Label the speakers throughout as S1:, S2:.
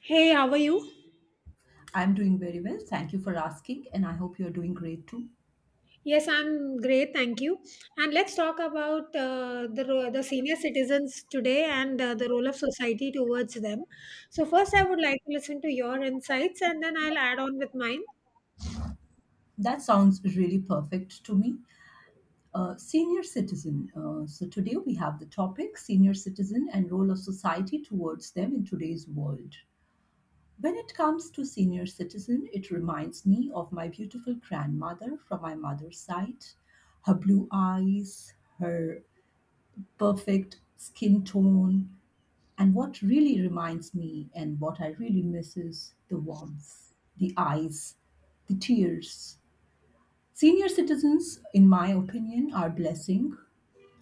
S1: Hey, how are you?
S2: I'm doing very well. Thank you for asking, and I hope you're doing great too.
S1: Yes, I'm great, thank you. And let's talk about the senior citizens today, and the role of society towards them. So first, I would like to listen to your insights, and then I'll add on with mine.
S2: That sounds really perfect to me. Senior citizen. So, today we have the topic senior citizen and role of society towards them in today's world. When it comes to senior citizen, it reminds me of my beautiful grandmother from my mother's side. Her blue eyes, her perfect skin tone, and what really reminds me and what I really miss is the warmth, the eyes, the tears. Senior citizens, in my opinion, are a blessing.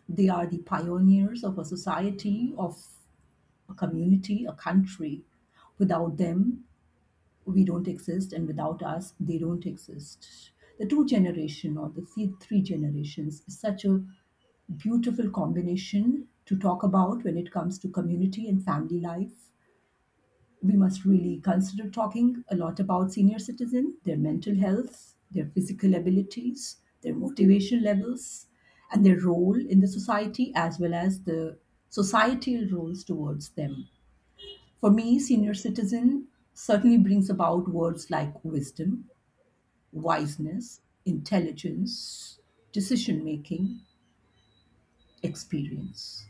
S2: They are the pioneers of a society, of a community, a country. Without them, we don't exist, and without us, they don't exist. The two generation or the three generations is such a beautiful combination to talk about. When it comes to community and family life, we must really consider talking a lot about senior citizen, their mental health, their physical abilities, their motivation levels, and their role in the society as well as the societal roles towards them. For me, senior citizen certainly brings about words like wisdom, wiseness, intelligence, decision making, experience.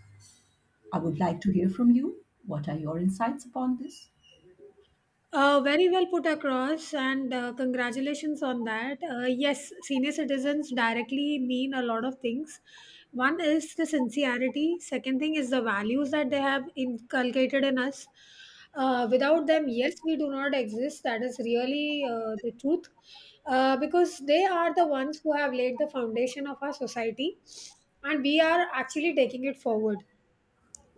S2: I would like to hear from you. What are your insights upon this?
S1: Very well put across, and congratulations on that. Yes, senior citizens directly mean a lot of things. One is the sincerity, second thing is the values that they have inculcated in us. Without them, yes, we do not exist. That is really the truth, because they are the ones who have laid the foundation of our society, and we are actually taking it forward,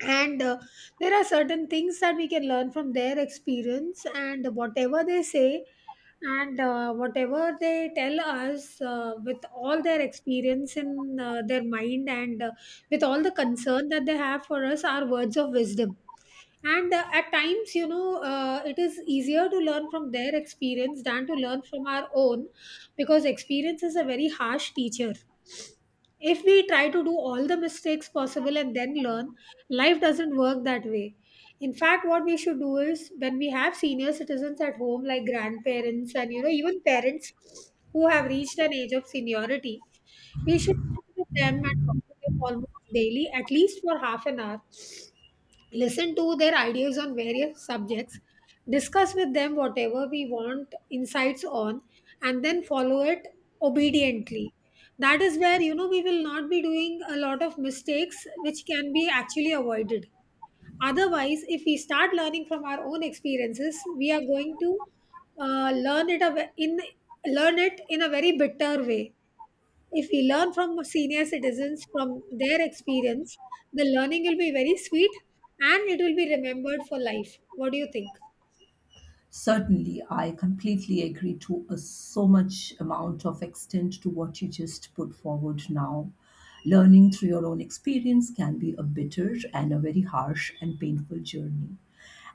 S1: and there are certain things that we can learn from their experience and whatever they say, and whatever they tell us with all their experience in their mind, and with all the concern that they have for us are words of wisdom, and at times, you know, it is easier to learn from their experience than to learn from our own, because experience is a very harsh teacher. If we try to do all the mistakes possible and then learn, life doesn't work that way. In fact, what we should do is, when we have senior citizens at home like grandparents and, you know, even parents who have reached an age of seniority, we should sit with them and talk to them almost daily, at least for half an hour, listen to their ideas on various subjects, discuss with them whatever we want insights on, and then follow it obediently. That is where, you know, we will not be doing a lot of mistakes which can be actually avoided. Otherwise, if we start learning from our own experiences, we are going to uh, learn it a ve- in learn it in a very bitter way. If we learn from senior citizens, from their experience, the learning will be very sweet, and it will be remembered for life. What do you think?
S2: Certainly, I completely agree to a, so much amount of extent to what you just put forward now. Learning through your own experience can be a bitter and a very harsh and painful journey.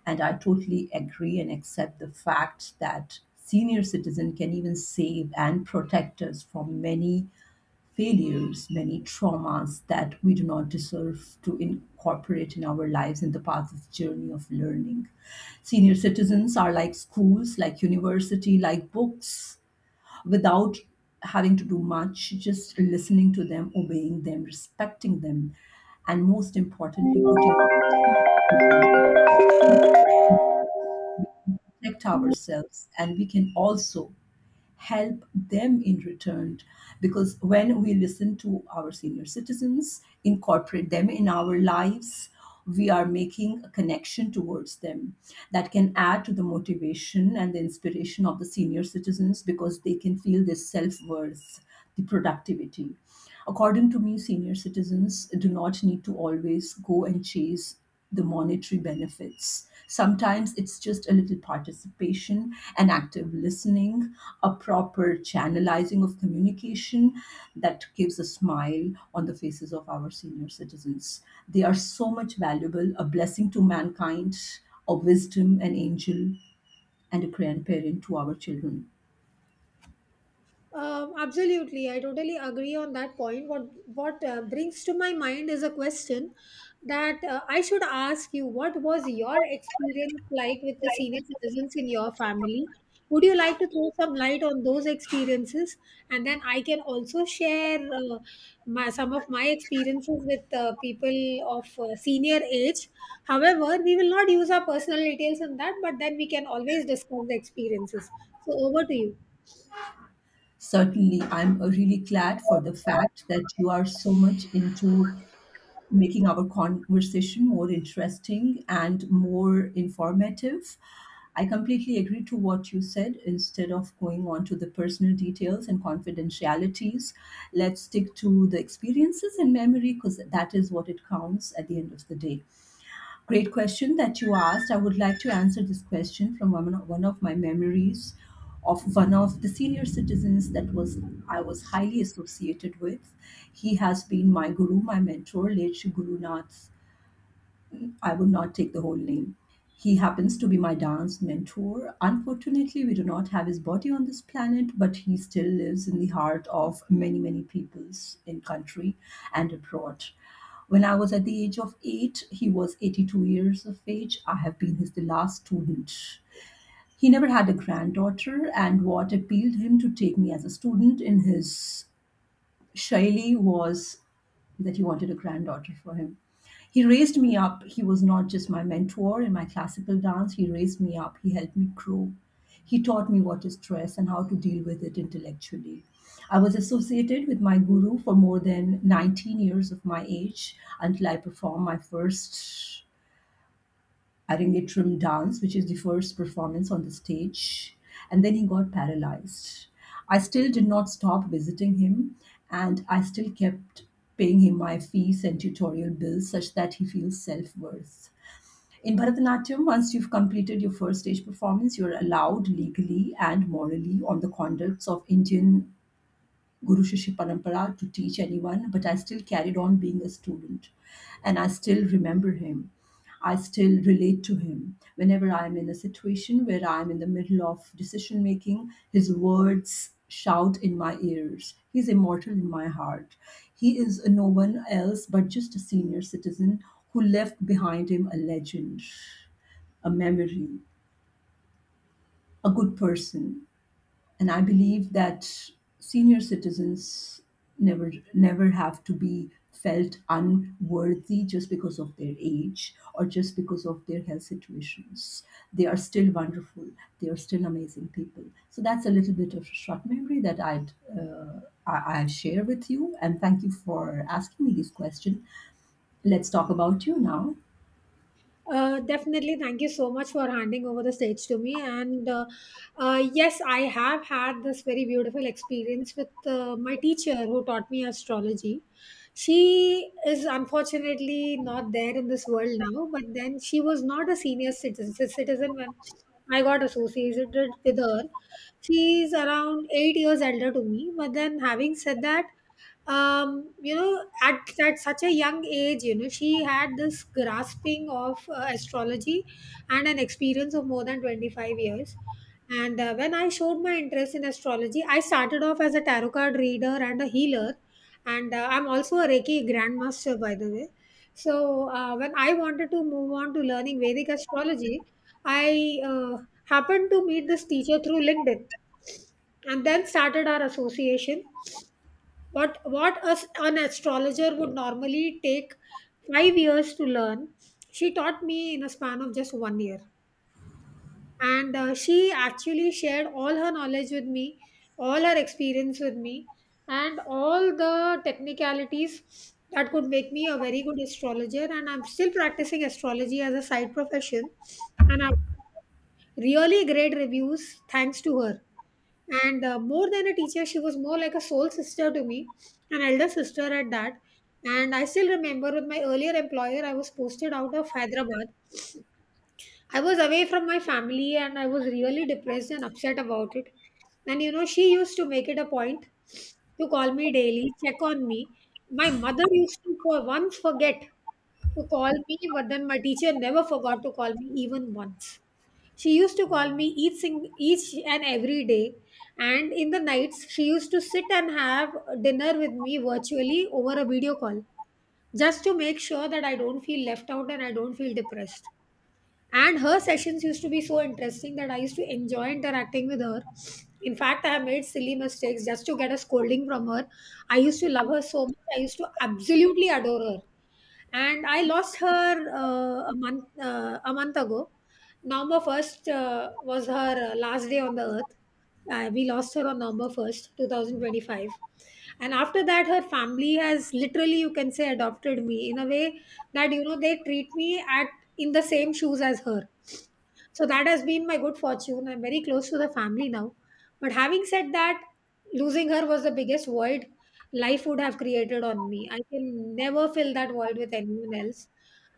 S2: And I totally agree and accept the fact that senior citizen can even save and protect us from many failures, many traumas that we do not deserve to incorporate in our lives in the path of journey of learning. Senior citizens are like schools, like university, like books, without having to do much, just listening to them, obeying them, respecting them, and most importantly, putting out protect ourselves, and we can also help them in return. Because when we listen to our senior citizens, incorporate them in our lives, we are making a connection towards them that can add to the motivation and the inspiration of the senior citizens, because they can feel this self-worth, the productivity. According to me, senior citizens do not need to always go and chase the monetary benefits. Sometimes it's just a little participation, an active listening, a proper channelizing of communication that gives a smile on the faces of our senior citizens. They are so much valuable, a blessing to mankind, a wisdom, an angel, and a grandparent to our children.
S1: Absolutely, I totally agree on that point. What brings to my mind is a question that I should ask you. What was your experience like with the senior
S2: Right.
S1: citizens in your family? Would you like to throw some light on those experiences, and then I can also share some of my experiences with people of senior age. However, we will not use our personal details in that, but then we can always discuss the experiences. So over to you.
S2: Certainly, I'm really glad for the fact that you are so much into making our conversation more interesting and more informative. I completely agree to what you said. Instead of going on to the personal details and confidentialities, let's stick to the experiences and memory, because that is what it counts at the end of the day. Great question that you asked. I would like to answer this question from one of my memories of one of the senior citizens that was I was highly associated with. He has been my guru, my mentor, late Shri Guru Nath. I would not take the whole name. He happens to be my dance mentor. Unfortunately, we do not have his body on this planet, but he still lives in the heart of many, many peoples in country and abroad. When I was at the age of 8, he was 82 years of age. I have been his the last student. He never had a granddaughter, and what appealed him to take me as a student in his Shaili was that he wanted a granddaughter for him. He raised me up. He was not just my mentor in my classical dance, he raised me up, he helped me grow. He taught me what is stress and how to deal with it intellectually. I was associated with my guru for more than 19 years of my age until I performed my first Arangetram dance, which is the first performance on the stage, and then he got paralyzed. I still did not stop visiting him, and I still kept paying him my fees and tutorial bills such that he feels self worth. In Bharatanatyam, once you've completed your first stage performance, you're allowed legally and morally on the conducts of Indian Guru Shishya Parampara to teach anyone, but I still carried on being a student. And I still remember him. I still relate to him. Whenever I'm in a situation where I'm in the middle of decision making, his words shout in my ears. He's immortal in my heart. He is no one else but just a senior citizen who left behind him a legend, a memory, a good person, and I believe that senior citizens never have to be felt unworthy just because of their age or just because of their health situations. They are still wonderful. They are still amazing people. So that's a little bit of short memory that I'd. I share with you, and thank you for asking me this question. Let's talk about you now.
S1: Definitely. Thank you so much for handing over the stage to me. And yes, I have had this very beautiful experience with my teacher who taught me astrology. She is unfortunately not there in this world now, but then she was not a senior citizen when I got associated with her. She's around 8 years elder to me. But then, having said that, you know, at such a young age, you know, she had this grasping of astrology and an experience of more than 25 years. And when I showed my interest in astrology, I started off as a tarot card reader and a healer. And I'm also a Reiki grandmaster, by the way. So when I wanted to move on to learning Vedic astrology, I happened to meet this teacher through LinkedIn, and then started our association. What us an astrologer would normally take 5 years to learn, she taught me in a span of just 1 year. And she actually shared all her knowledge with me, all her experience with me, and all the technicalities that could make me a very good astrologer. And I'm still practicing astrology as a side profession, and I have really great reviews, thanks to her. And more than a teacher, she was more like a soul sister to me, an elder sister at that. And I still remember, with my earlier employer, I was posted out of Hyderabad. I was away from my family and I was really depressed and upset about it. And, you know, she used to make it a point to call me daily, check on me. My mother used to for once forget to call me, but then my teacher never forgot to call me even once. She used to call me each and every day. And in the nights, she used to sit and have dinner with me virtually over a video call, just to make sure that I don't feel left out and I don't feel depressed. And her sessions used to be so interesting that I used to enjoy interacting with her. In fact, I have made silly mistakes just to get a scolding from her. I used to love her so much. I used to absolutely adore her, and I lost her a month ago. November 1st was her last day on the earth. We lost her on November 1st, 2025, and after that, her family has literally, you can say, adopted me in a way that, you know, they treat me at in the same shoes as her. So that has been my good fortune. I'm very close to the family now. But having said that, losing her was the biggest void life would have created on me. I can never fill that void with anyone else.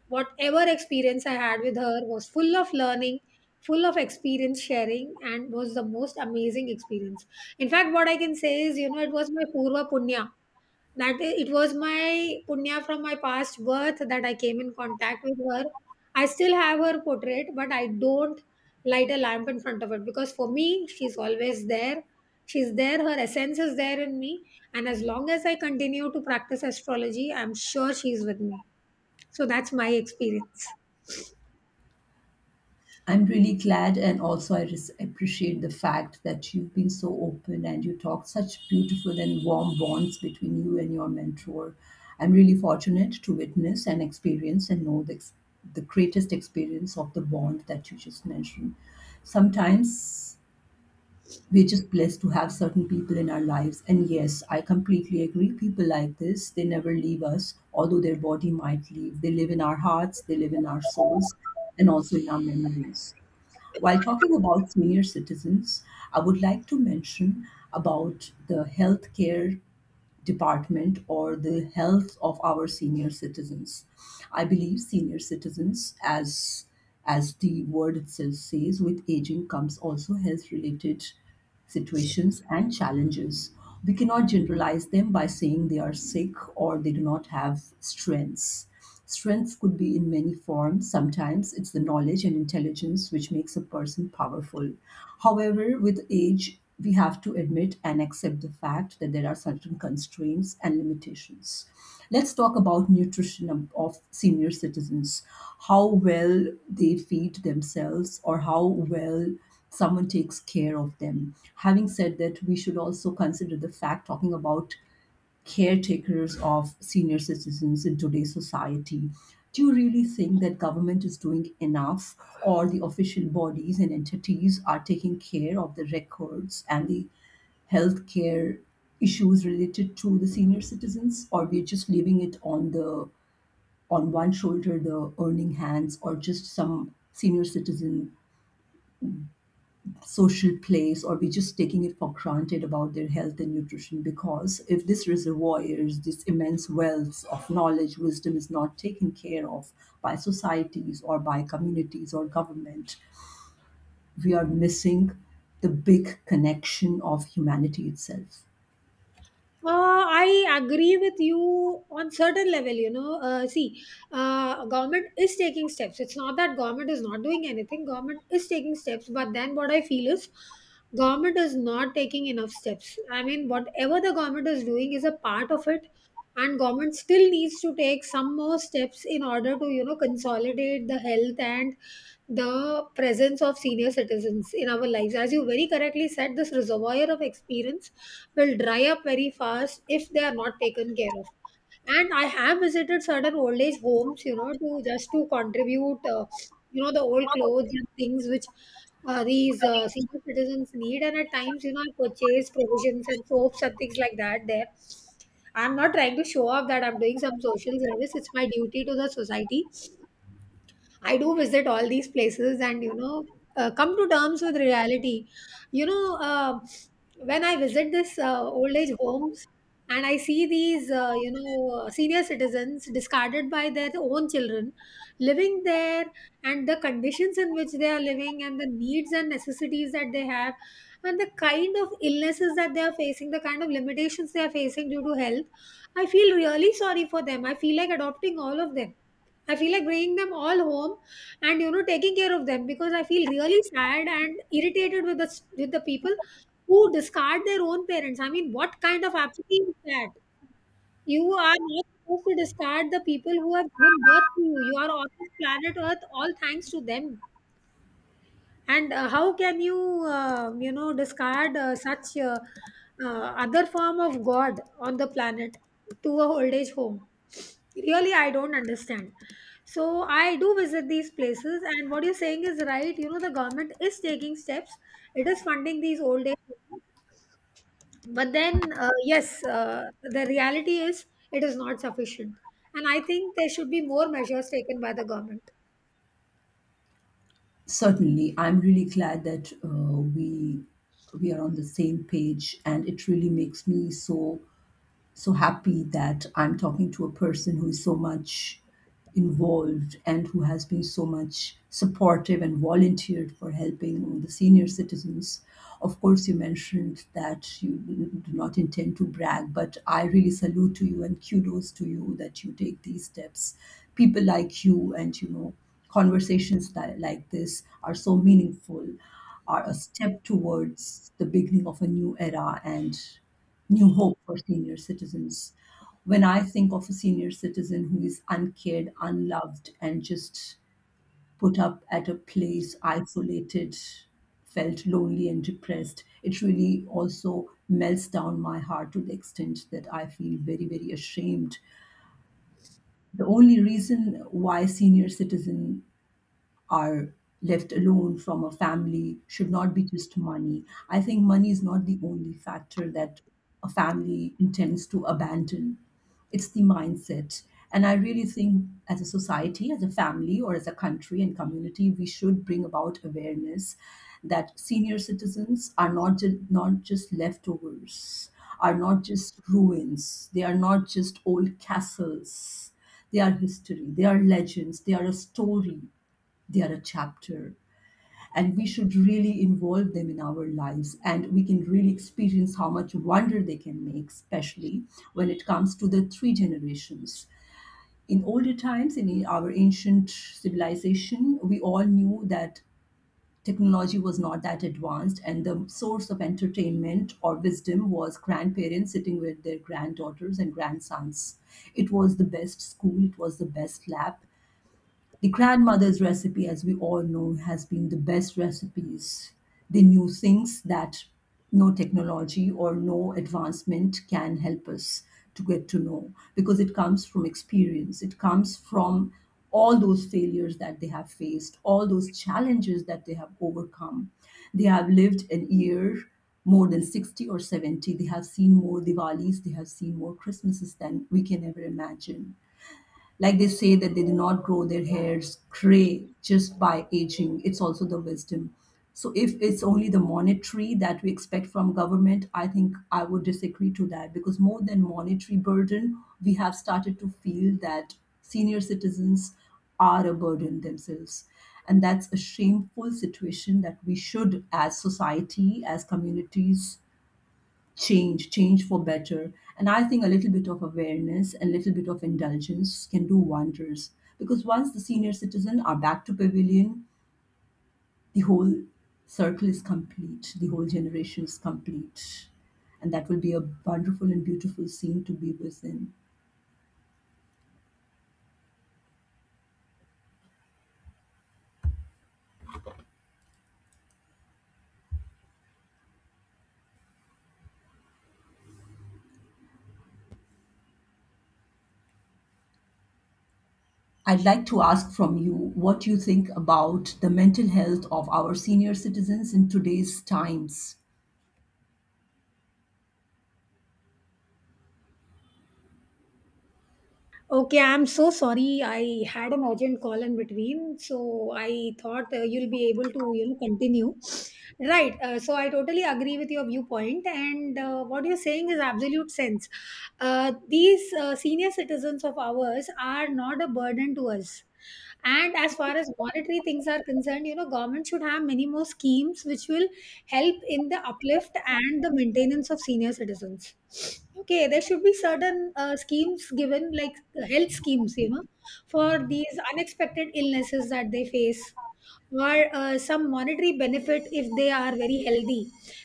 S1: Whatever experience I had with her was full of learning, full of experience sharing, and was the most amazing experience. In fact, what I can say is, you know, it was my Purva Punya. It was my Punya from my past birth that I came in contact with her. I still have her portrait, but I don't light a lamp in front of it, because for me, she's always there. She's there, her essence is there in me. And as long as I continue to practice astrology, I'm sure she's with me. So that's my experience.
S2: I'm really glad, and also I appreciate the fact that you've been so open and you talked such beautiful and warm bonds between you and your mentor. I'm really fortunate to witness and experience and know the greatest experience of the bond that you just mentioned. Sometimes we're just blessed to have certain people in our lives. And yes, I completely agree. People like this, they never leave us, although their body might leave. They live in our hearts, they live in our souls, and also in our memories. While talking about senior citizens, I would like to mention about the healthcare department or the health of our senior citizens. I believe senior citizens, as the word itself says, with aging comes also health related situations and challenges. We cannot generalize them by saying they are sick or they do not have strengths. Strength could be in many forms. Sometimes it's the knowledge and intelligence which makes a person powerful. However, with age, we have to admit and accept the fact that there are certain constraints and limitations. Let's talk about nutrition of senior citizens, how well they feed themselves or how well someone takes care of them. Having said that, we should also consider the fact talking about caretakers of senior citizens in today's society. Do you really think that government is doing enough, or the official bodies and entities are taking care of the records and the healthcare issues related to the senior citizens, or we're just leaving it on the on one shoulder, the earning hands, or just some senior citizen social place, or we're just taking it for granted about their health and nutrition? Because if this reservoir, is this immense wealth of knowledge wisdom is not taken care of by societies or by communities or government, we are missing the big connection of humanity itself.
S1: I agree with you on certain level. You know, see, government is taking steps. It's not that government is not doing anything. Government is taking steps, but then what I feel is, government is not taking enough steps. I mean, whatever the government is doing is a part of it, and government still needs to take some more steps in order to, you know, consolidate the health and the presence of senior citizens in our lives. As you very correctly said, this reservoir of experience will dry up very fast if they are not taken care of. And I have visited certain old age homes, you know, to just to contribute, you know, the old clothes and things which these senior citizens need. And at times, you know, I purchase provisions and soaps and things like that there. I'm not trying to show off that I'm doing some social service. It's my duty to the society. I do visit all these places and, you know, come to terms with reality. You know, when I visit this old age homes and I see these, you know, senior citizens discarded by their own children living there, and the conditions in which they are living, and the needs and necessities that they have, and the kind of illnesses that they are facing, the kind of limitations they are facing due to health, I feel really sorry for them. I feel like adopting all of them. I feel like bringing them all home and, you know, taking care of them, because I feel really sad and irritated with the people who discard their own parents. I mean, what kind of apathy is that? You are not supposed to discard the people who have given birth to you. You are on this planet Earth, all thanks to them, and how can you you know discard such other form of god on the planet to a old age home? Really, I don't understand. So I do visit these places, and what you're saying is right. You know, the government is taking steps, it is funding these old age homes. But then, yes, the reality is it is not sufficient, and I think there should be more measures taken by the government.
S2: Certainly, I'm really glad that we are on the same page, and it really makes me so happy that I'm talking to a person who is so much involved and who has been so much supportive and volunteered for helping the senior citizens. Of course, you mentioned that you do not intend to brag, but I really salute to you and kudos to you that you take these steps. People like you, and you know, conversations that, like this, are so meaningful, are a step towards the beginning of a new era and new hope for senior citizens. When I think of a senior citizen who is uncared, unloved, and just put up at a place, isolated, felt lonely and depressed, it really also melts down my heart to the extent that I feel very, very ashamed. The only reason why senior citizen are left alone from a family should not be just money. I think money is not the only factor that a family intends to abandon. It's the mindset. And I really think, as a society, as a family, or as a country and community, we should bring about awareness that senior citizens are not, not just leftovers, are not just ruins, they are not just old castles, they are history, they are legends, they are a story, they are a chapter, and we should really involve them in our lives. And we can really experience how much wonder they can make, especially when it comes to the three generations. In older times, in our ancient civilization, we all knew that technology was not that advanced, and the source of entertainment or wisdom was grandparents sitting with their granddaughters and grandsons. It was the best school, it was the best lab. The grandmother's recipe, as we all know, has been the best recipes. They knew things that no technology or no advancement can help us to get to know, because it comes from experience. It comes from all those failures that they have faced, all those challenges that they have overcome. They have lived an year more than 60 or 70. They have seen more Diwalis, they have seen more Christmases than we can ever imagine. Like they say that they do not grow their hairs gray just by aging. It's also the wisdom. So if it's only the monetary that we expect from government, I think I would disagree to that because more than monetary burden, we have started to feel that senior citizens are a burden themselves. And that's a shameful situation that we should, as society, as communities, change for better. And I think a little bit of awareness and a little bit of indulgence can do wonders, because once the senior citizen are back to pavilion, the whole circle is complete, the whole generation is complete, and that will be a wonderful and beautiful scene to be within. I'd like to ask from you what you think about the mental health of our senior citizens in today's times.
S1: Okay, I'm so sorry. I had an urgent call in between, so I thought you'll be able to, you know, continue. Right. So I totally agree with your viewpoint, and what you're saying is absolute sense. These senior citizens of ours are not a burden to us, and as far as monetary things are concerned, you know, government should have many more schemes which will help in the uplift and the maintenance of senior citizens. Okay, there should be certain schemes given, like health schemes, you know, for these unexpected illnesses that they face, or some monetary benefit if they are very healthy.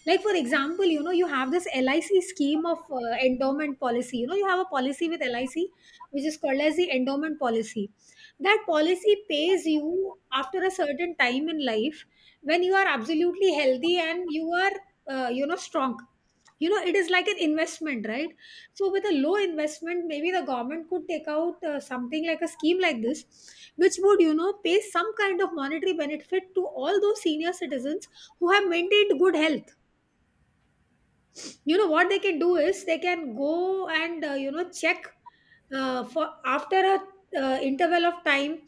S1: Like, for example, you know, you have this LIC scheme of endowment policy. You know, you have a policy with LIC which is called as the endowment policy. That policy pays you after a certain time in life when you are absolutely healthy and you are, you know, strong. You know, it is like an investment, right? So with a low investment, maybe the government could take out something like a scheme like this, which would, you know, pay some kind of monetary benefit to all those senior citizens who have maintained good health. You know what they can do is, they can go and, you know, check for, after a interval of time,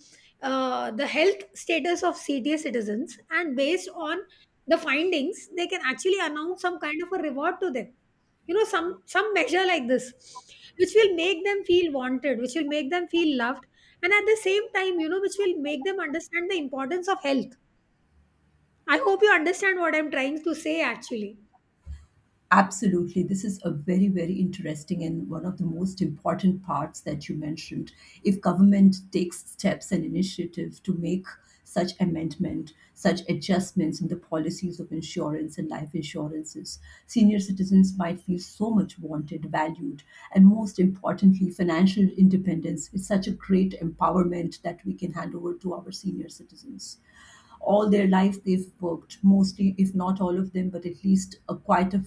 S1: the health status of CTA citizens, and based on the findings, they can actually announce some kind of a reward to them. You know, some measure like this, which will make them feel wanted, which will make them feel loved, and at the same time, you know, which will make them understand the importance of health. I hope you understand what I'm trying to say actually.
S2: Absolutely. This is a very, very interesting and one of the most important parts that you mentioned. If government takes steps and initiative to make such amendment, such adjustments in the policies of insurance and life insurances, senior citizens might feel so much wanted, valued, and most importantly, financial independence is such a great empowerment that we can hand over to our senior citizens. All their lives they've worked, mostly if not all of them, but at least a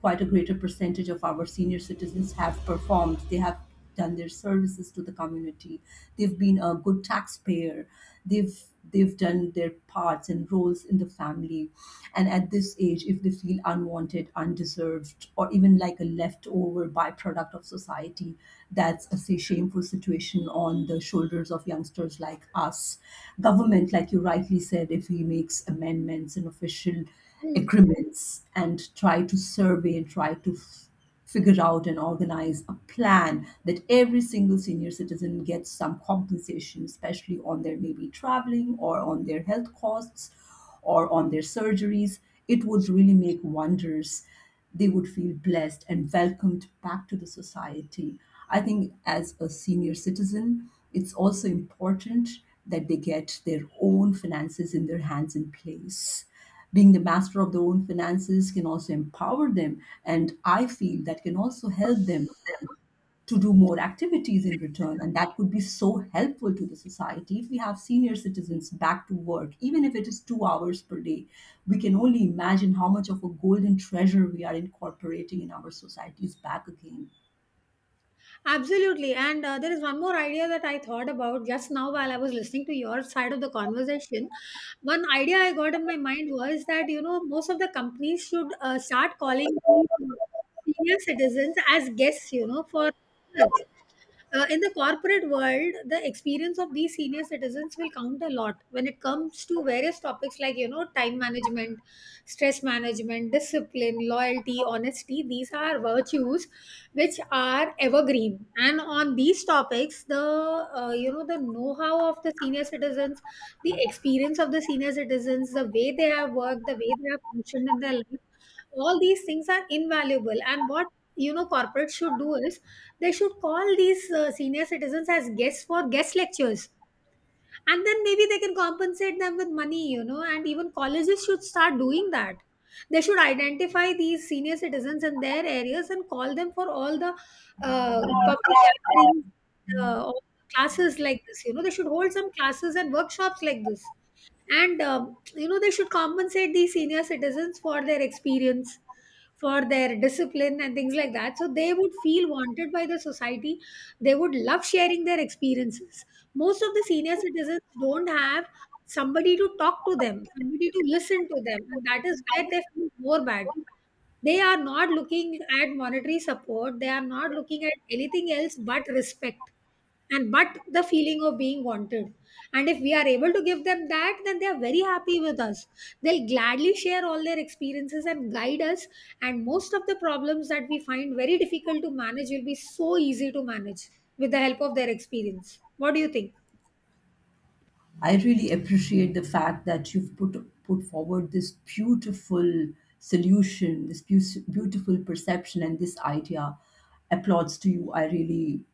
S2: quite a greater percentage of our senior citizens have performed. They have done their services to the community, they've been a good taxpayer, they've they've done their parts and roles in the family. And at this age, if they feel unwanted, undeserved, or even like a leftover byproduct product of society, that's a shameful situation on the shoulders of youngsters like us. Government, like you rightly said, if he makes amendments and official
S1: Hmm.
S2: agreements and try to survey and try to figure out and organize a plan that every single senior citizen gets some compensation, especially on their maybe traveling or on their health costs or on their surgeries, it would really make wonders. They would feel blessed and welcomed back to the society. I think as a senior citizen, it's also important that they get their own finances in their hands in place. Being the master of their own finances can also empower them, and I feel that can also help them to do more activities in return. And that could be so helpful to the society if we have senior citizens back to work, even if it is 2 hours per day. We can only imagine how much of a golden treasure we are incorporating in our societies back again.
S1: Absolutely. And there is one more idea that I thought about just now while I was listening to your side of the conversation. One idea I got in my mind was that, you know, most of the companies should start calling these senior citizens as guests, you know, for dinners. In the corporate world, the experience of these senior citizens will count a lot when it comes to various topics like, you know, time management, stress management, discipline, loyalty, honesty. These are virtues which are evergreen, and on these topics, the you know, the know-how of the senior citizens, the experience of the senior citizens, the way they have worked, the way they have functioned in their life, all these things are invaluable. And what, you know, corporates should do is, they should call these senior citizens as guests for guest lectures, and then maybe they can compensate them with money, you know. And even colleges should start doing that. They should identify these senior citizens in their areas and call them for all the public gatherings, all the classes like this. You know, they should hold some classes and workshops like this, and you know, they should compensate these senior citizens for their experience, for their discipline, and things like that, so they would feel wanted by the society. They would love sharing their experiences. Most of the senior citizens don't have somebody to talk to them, somebody to listen to them, and that is where they feel more bad. They are not looking at monetary support, they are not looking at anything else but respect and but the feeling of being wanted. And if we are able to give them that, then they are very happy with us. They'll gladly share all their experiences and guide us. And most of the problems that we find very difficult to manage will be so easy to manage with the help of their experience. What do you think?
S2: I really appreciate the fact that you've put forward this beautiful solution, this beautiful perception, and this idea. Applauds to you. I really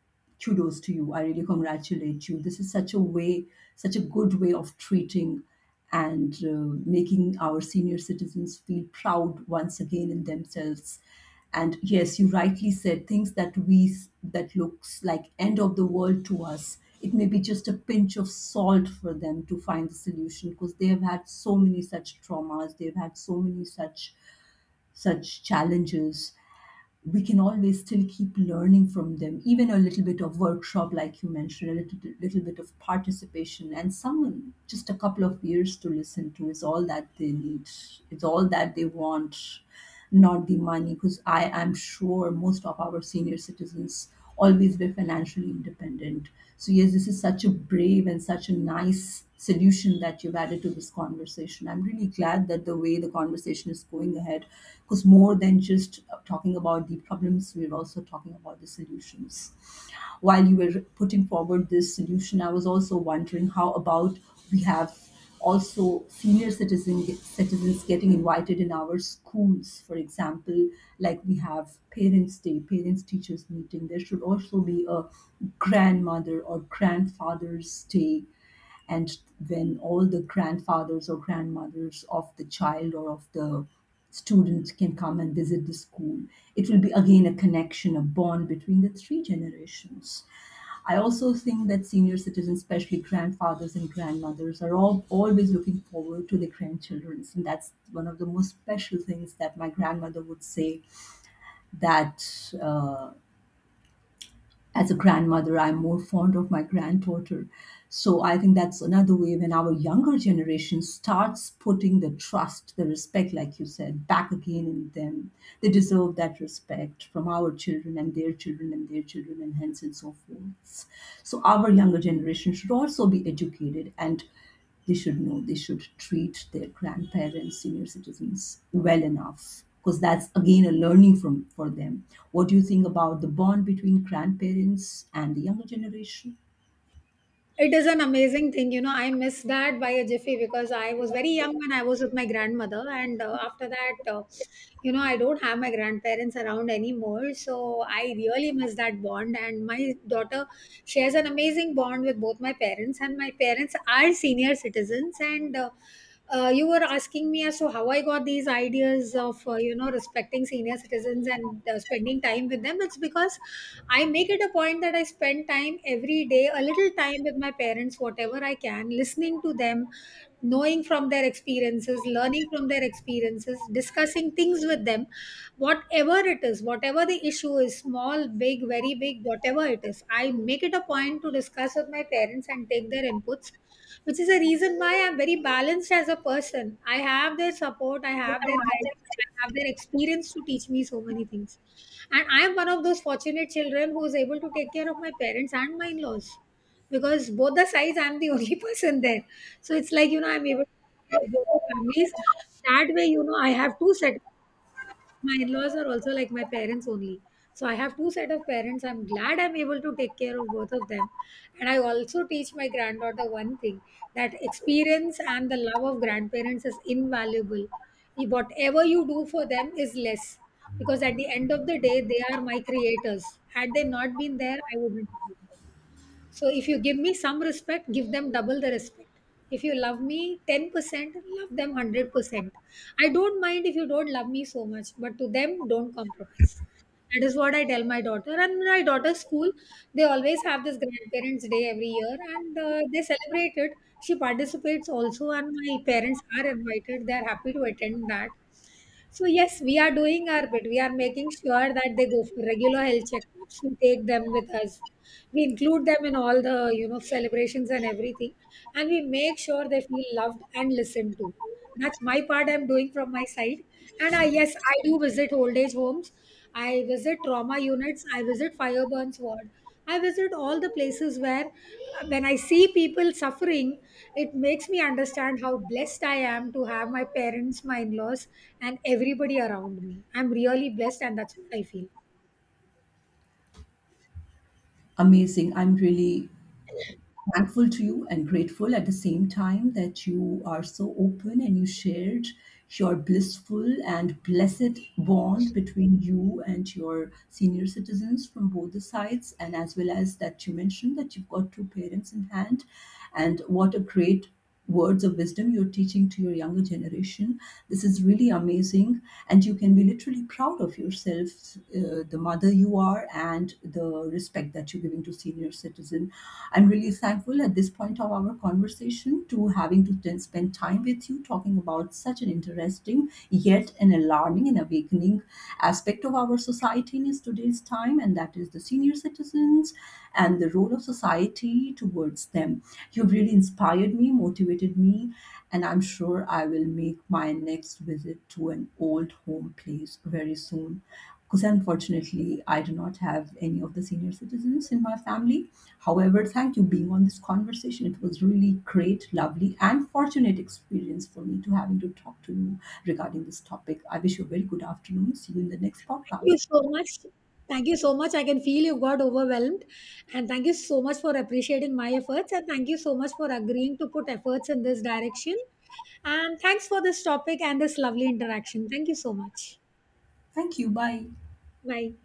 S2: kudos to you. I really congratulate you. This is such a way, such a good way of treating and making our senior citizens feel proud once again in themselves. And yes, you rightly said things that we, that looks like end of the world to us, it may be just a pinch of salt for them to find the solution, because they have had so many such traumas, they've had so many such challenges. We can always still keep learning from them. Even a little bit of workshop, like you mentioned, a little bit of participation and someone just a couple of years to listen to is all that they need, it's all that they want, not the money, because I am sure most of our senior citizens always were financially independent. So, yes, this is such a brave and such a nice solution that you've added to this conversation. I'm really glad that the way the conversation is going ahead, because more than just talking about the problems, we're also talking about the solutions. While you were putting forward this solution, I was also wondering, how about we have also citizens getting invited in our schools, for example, like we have Parents' Day, Parents' Teachers Meeting. There should also be a grandmother or grandfather's day, and when all the grandfathers or grandmothers of the child or of the student can come and visit the school, it will be again a connection, a bond between the three generations. I also think that senior citizens, especially grandfathers and grandmothers, are always looking forward to their grandchildren. And that's one of the most special things that my grandmother would say, that as a grandmother, I'm more fond of my granddaughter. So I think that's another way, when our younger generation starts putting the trust, the respect, like you said, back again in them. They deserve that respect from our children and their children and their children and hence and so forth. So our younger generation should also be educated, and they should know they should treat their grandparents, senior citizens, well enough, because that's again a learning from for them. What do you think about the bond between grandparents and the younger generation?
S1: It is an amazing thing, you know. I miss that by a jiffy because I was very young when I was with my grandmother, and after that, you know, I don't have my grandparents around anymore. So I really miss that bond. And my daughter shares an amazing bond with both my parents, and my parents are senior citizens. And you were asking me as to how I got these ideas of, you know, respecting senior citizens and spending time with them. It's because I make it a point that I spend time every day, a little time with my parents, whatever I can, listening to them, knowing from their experiences, learning from their experiences, discussing things with them, whatever it is, whatever the issue is, small, big, very big, whatever it is. I make it a point to discuss with my parents and take their inputs, which is a reason why I'm very balanced as a person. I have their support, I have their guidance, I have their experience to teach me so many things. And I am one of those fortunate children who is able to take care of my parents and my in-laws, because both the sides I'm the only person there. So it's like, you know, I'm able to take care of both the families. That way, you know, I have two set, my in-laws are also like my parents only. So I have two set of parents. I'm glad I'm able to take care of both of them. And I also teach my granddaughter one thing, that experience and the love of grandparents is invaluable. You- Whatever you do for them is less, because at the end of the day, they are my creators. Had they not been there, I wouldn't have been. So if you give me some respect, give them double the respect. If you love me 10%, love them 100%. I don't mind if you don't love me so much, but to them, don't compromise. That is what I tell my daughter. And my daughter's school, they always have this grandparents' day every year, and they celebrate it. She participates also, and my parents are invited. They are happy to attend that. So yes, we are doing our bit. We are making sure that they go for regular health checkups. We take them with us. We include them in all the, you know, celebrations and everything, and we make sure they feel loved and listened to. That's my part I'm doing from my side. And I, yes, I do visit old age homes. I visit trauma units, I visit fire burns ward. I visit all the places where, when I see people suffering, it makes me understand how blessed I am to have my parents, my in-laws, and everybody around me. I'm really blessed, and that's what I feel.
S2: Amazing. I'm really thankful to you and grateful at the same time that you are so open and you shared your blissful and blessed bond between you and your senior citizens from both the sides, and as well as that you mentioned that you've got two parents in hand. And what a great words of wisdom you're teaching to your younger generation. This is really amazing, and you can be literally proud of yourself, the mother you are, and the respect that you're giving to senior citizen. I'm really thankful at this point of our conversation to having to then spend time with you talking about such an interesting yet an alarming and awakening aspect of our society in today's time, and that is the senior citizens and the role of society towards them. You've really inspired me, motivated me, and I'm sure I will make my next visit to an old home place very soon. Because unfortunately, I do not have any of the senior citizens in my family. However, thank you being on this conversation. It was really great, lovely, and fortunate experience for me to having to talk to you regarding this topic. I wish you a very good afternoon. See you in the next
S1: Thank you
S2: podcast.
S1: so much. Thank you so much. I can feel you've got overwhelmed. And thank you so much for appreciating my efforts. And thank you so much for agreeing to put efforts in this direction. And thanks for this topic and this lovely interaction. Thank you so much.
S2: Thank you. Bye.
S1: Bye.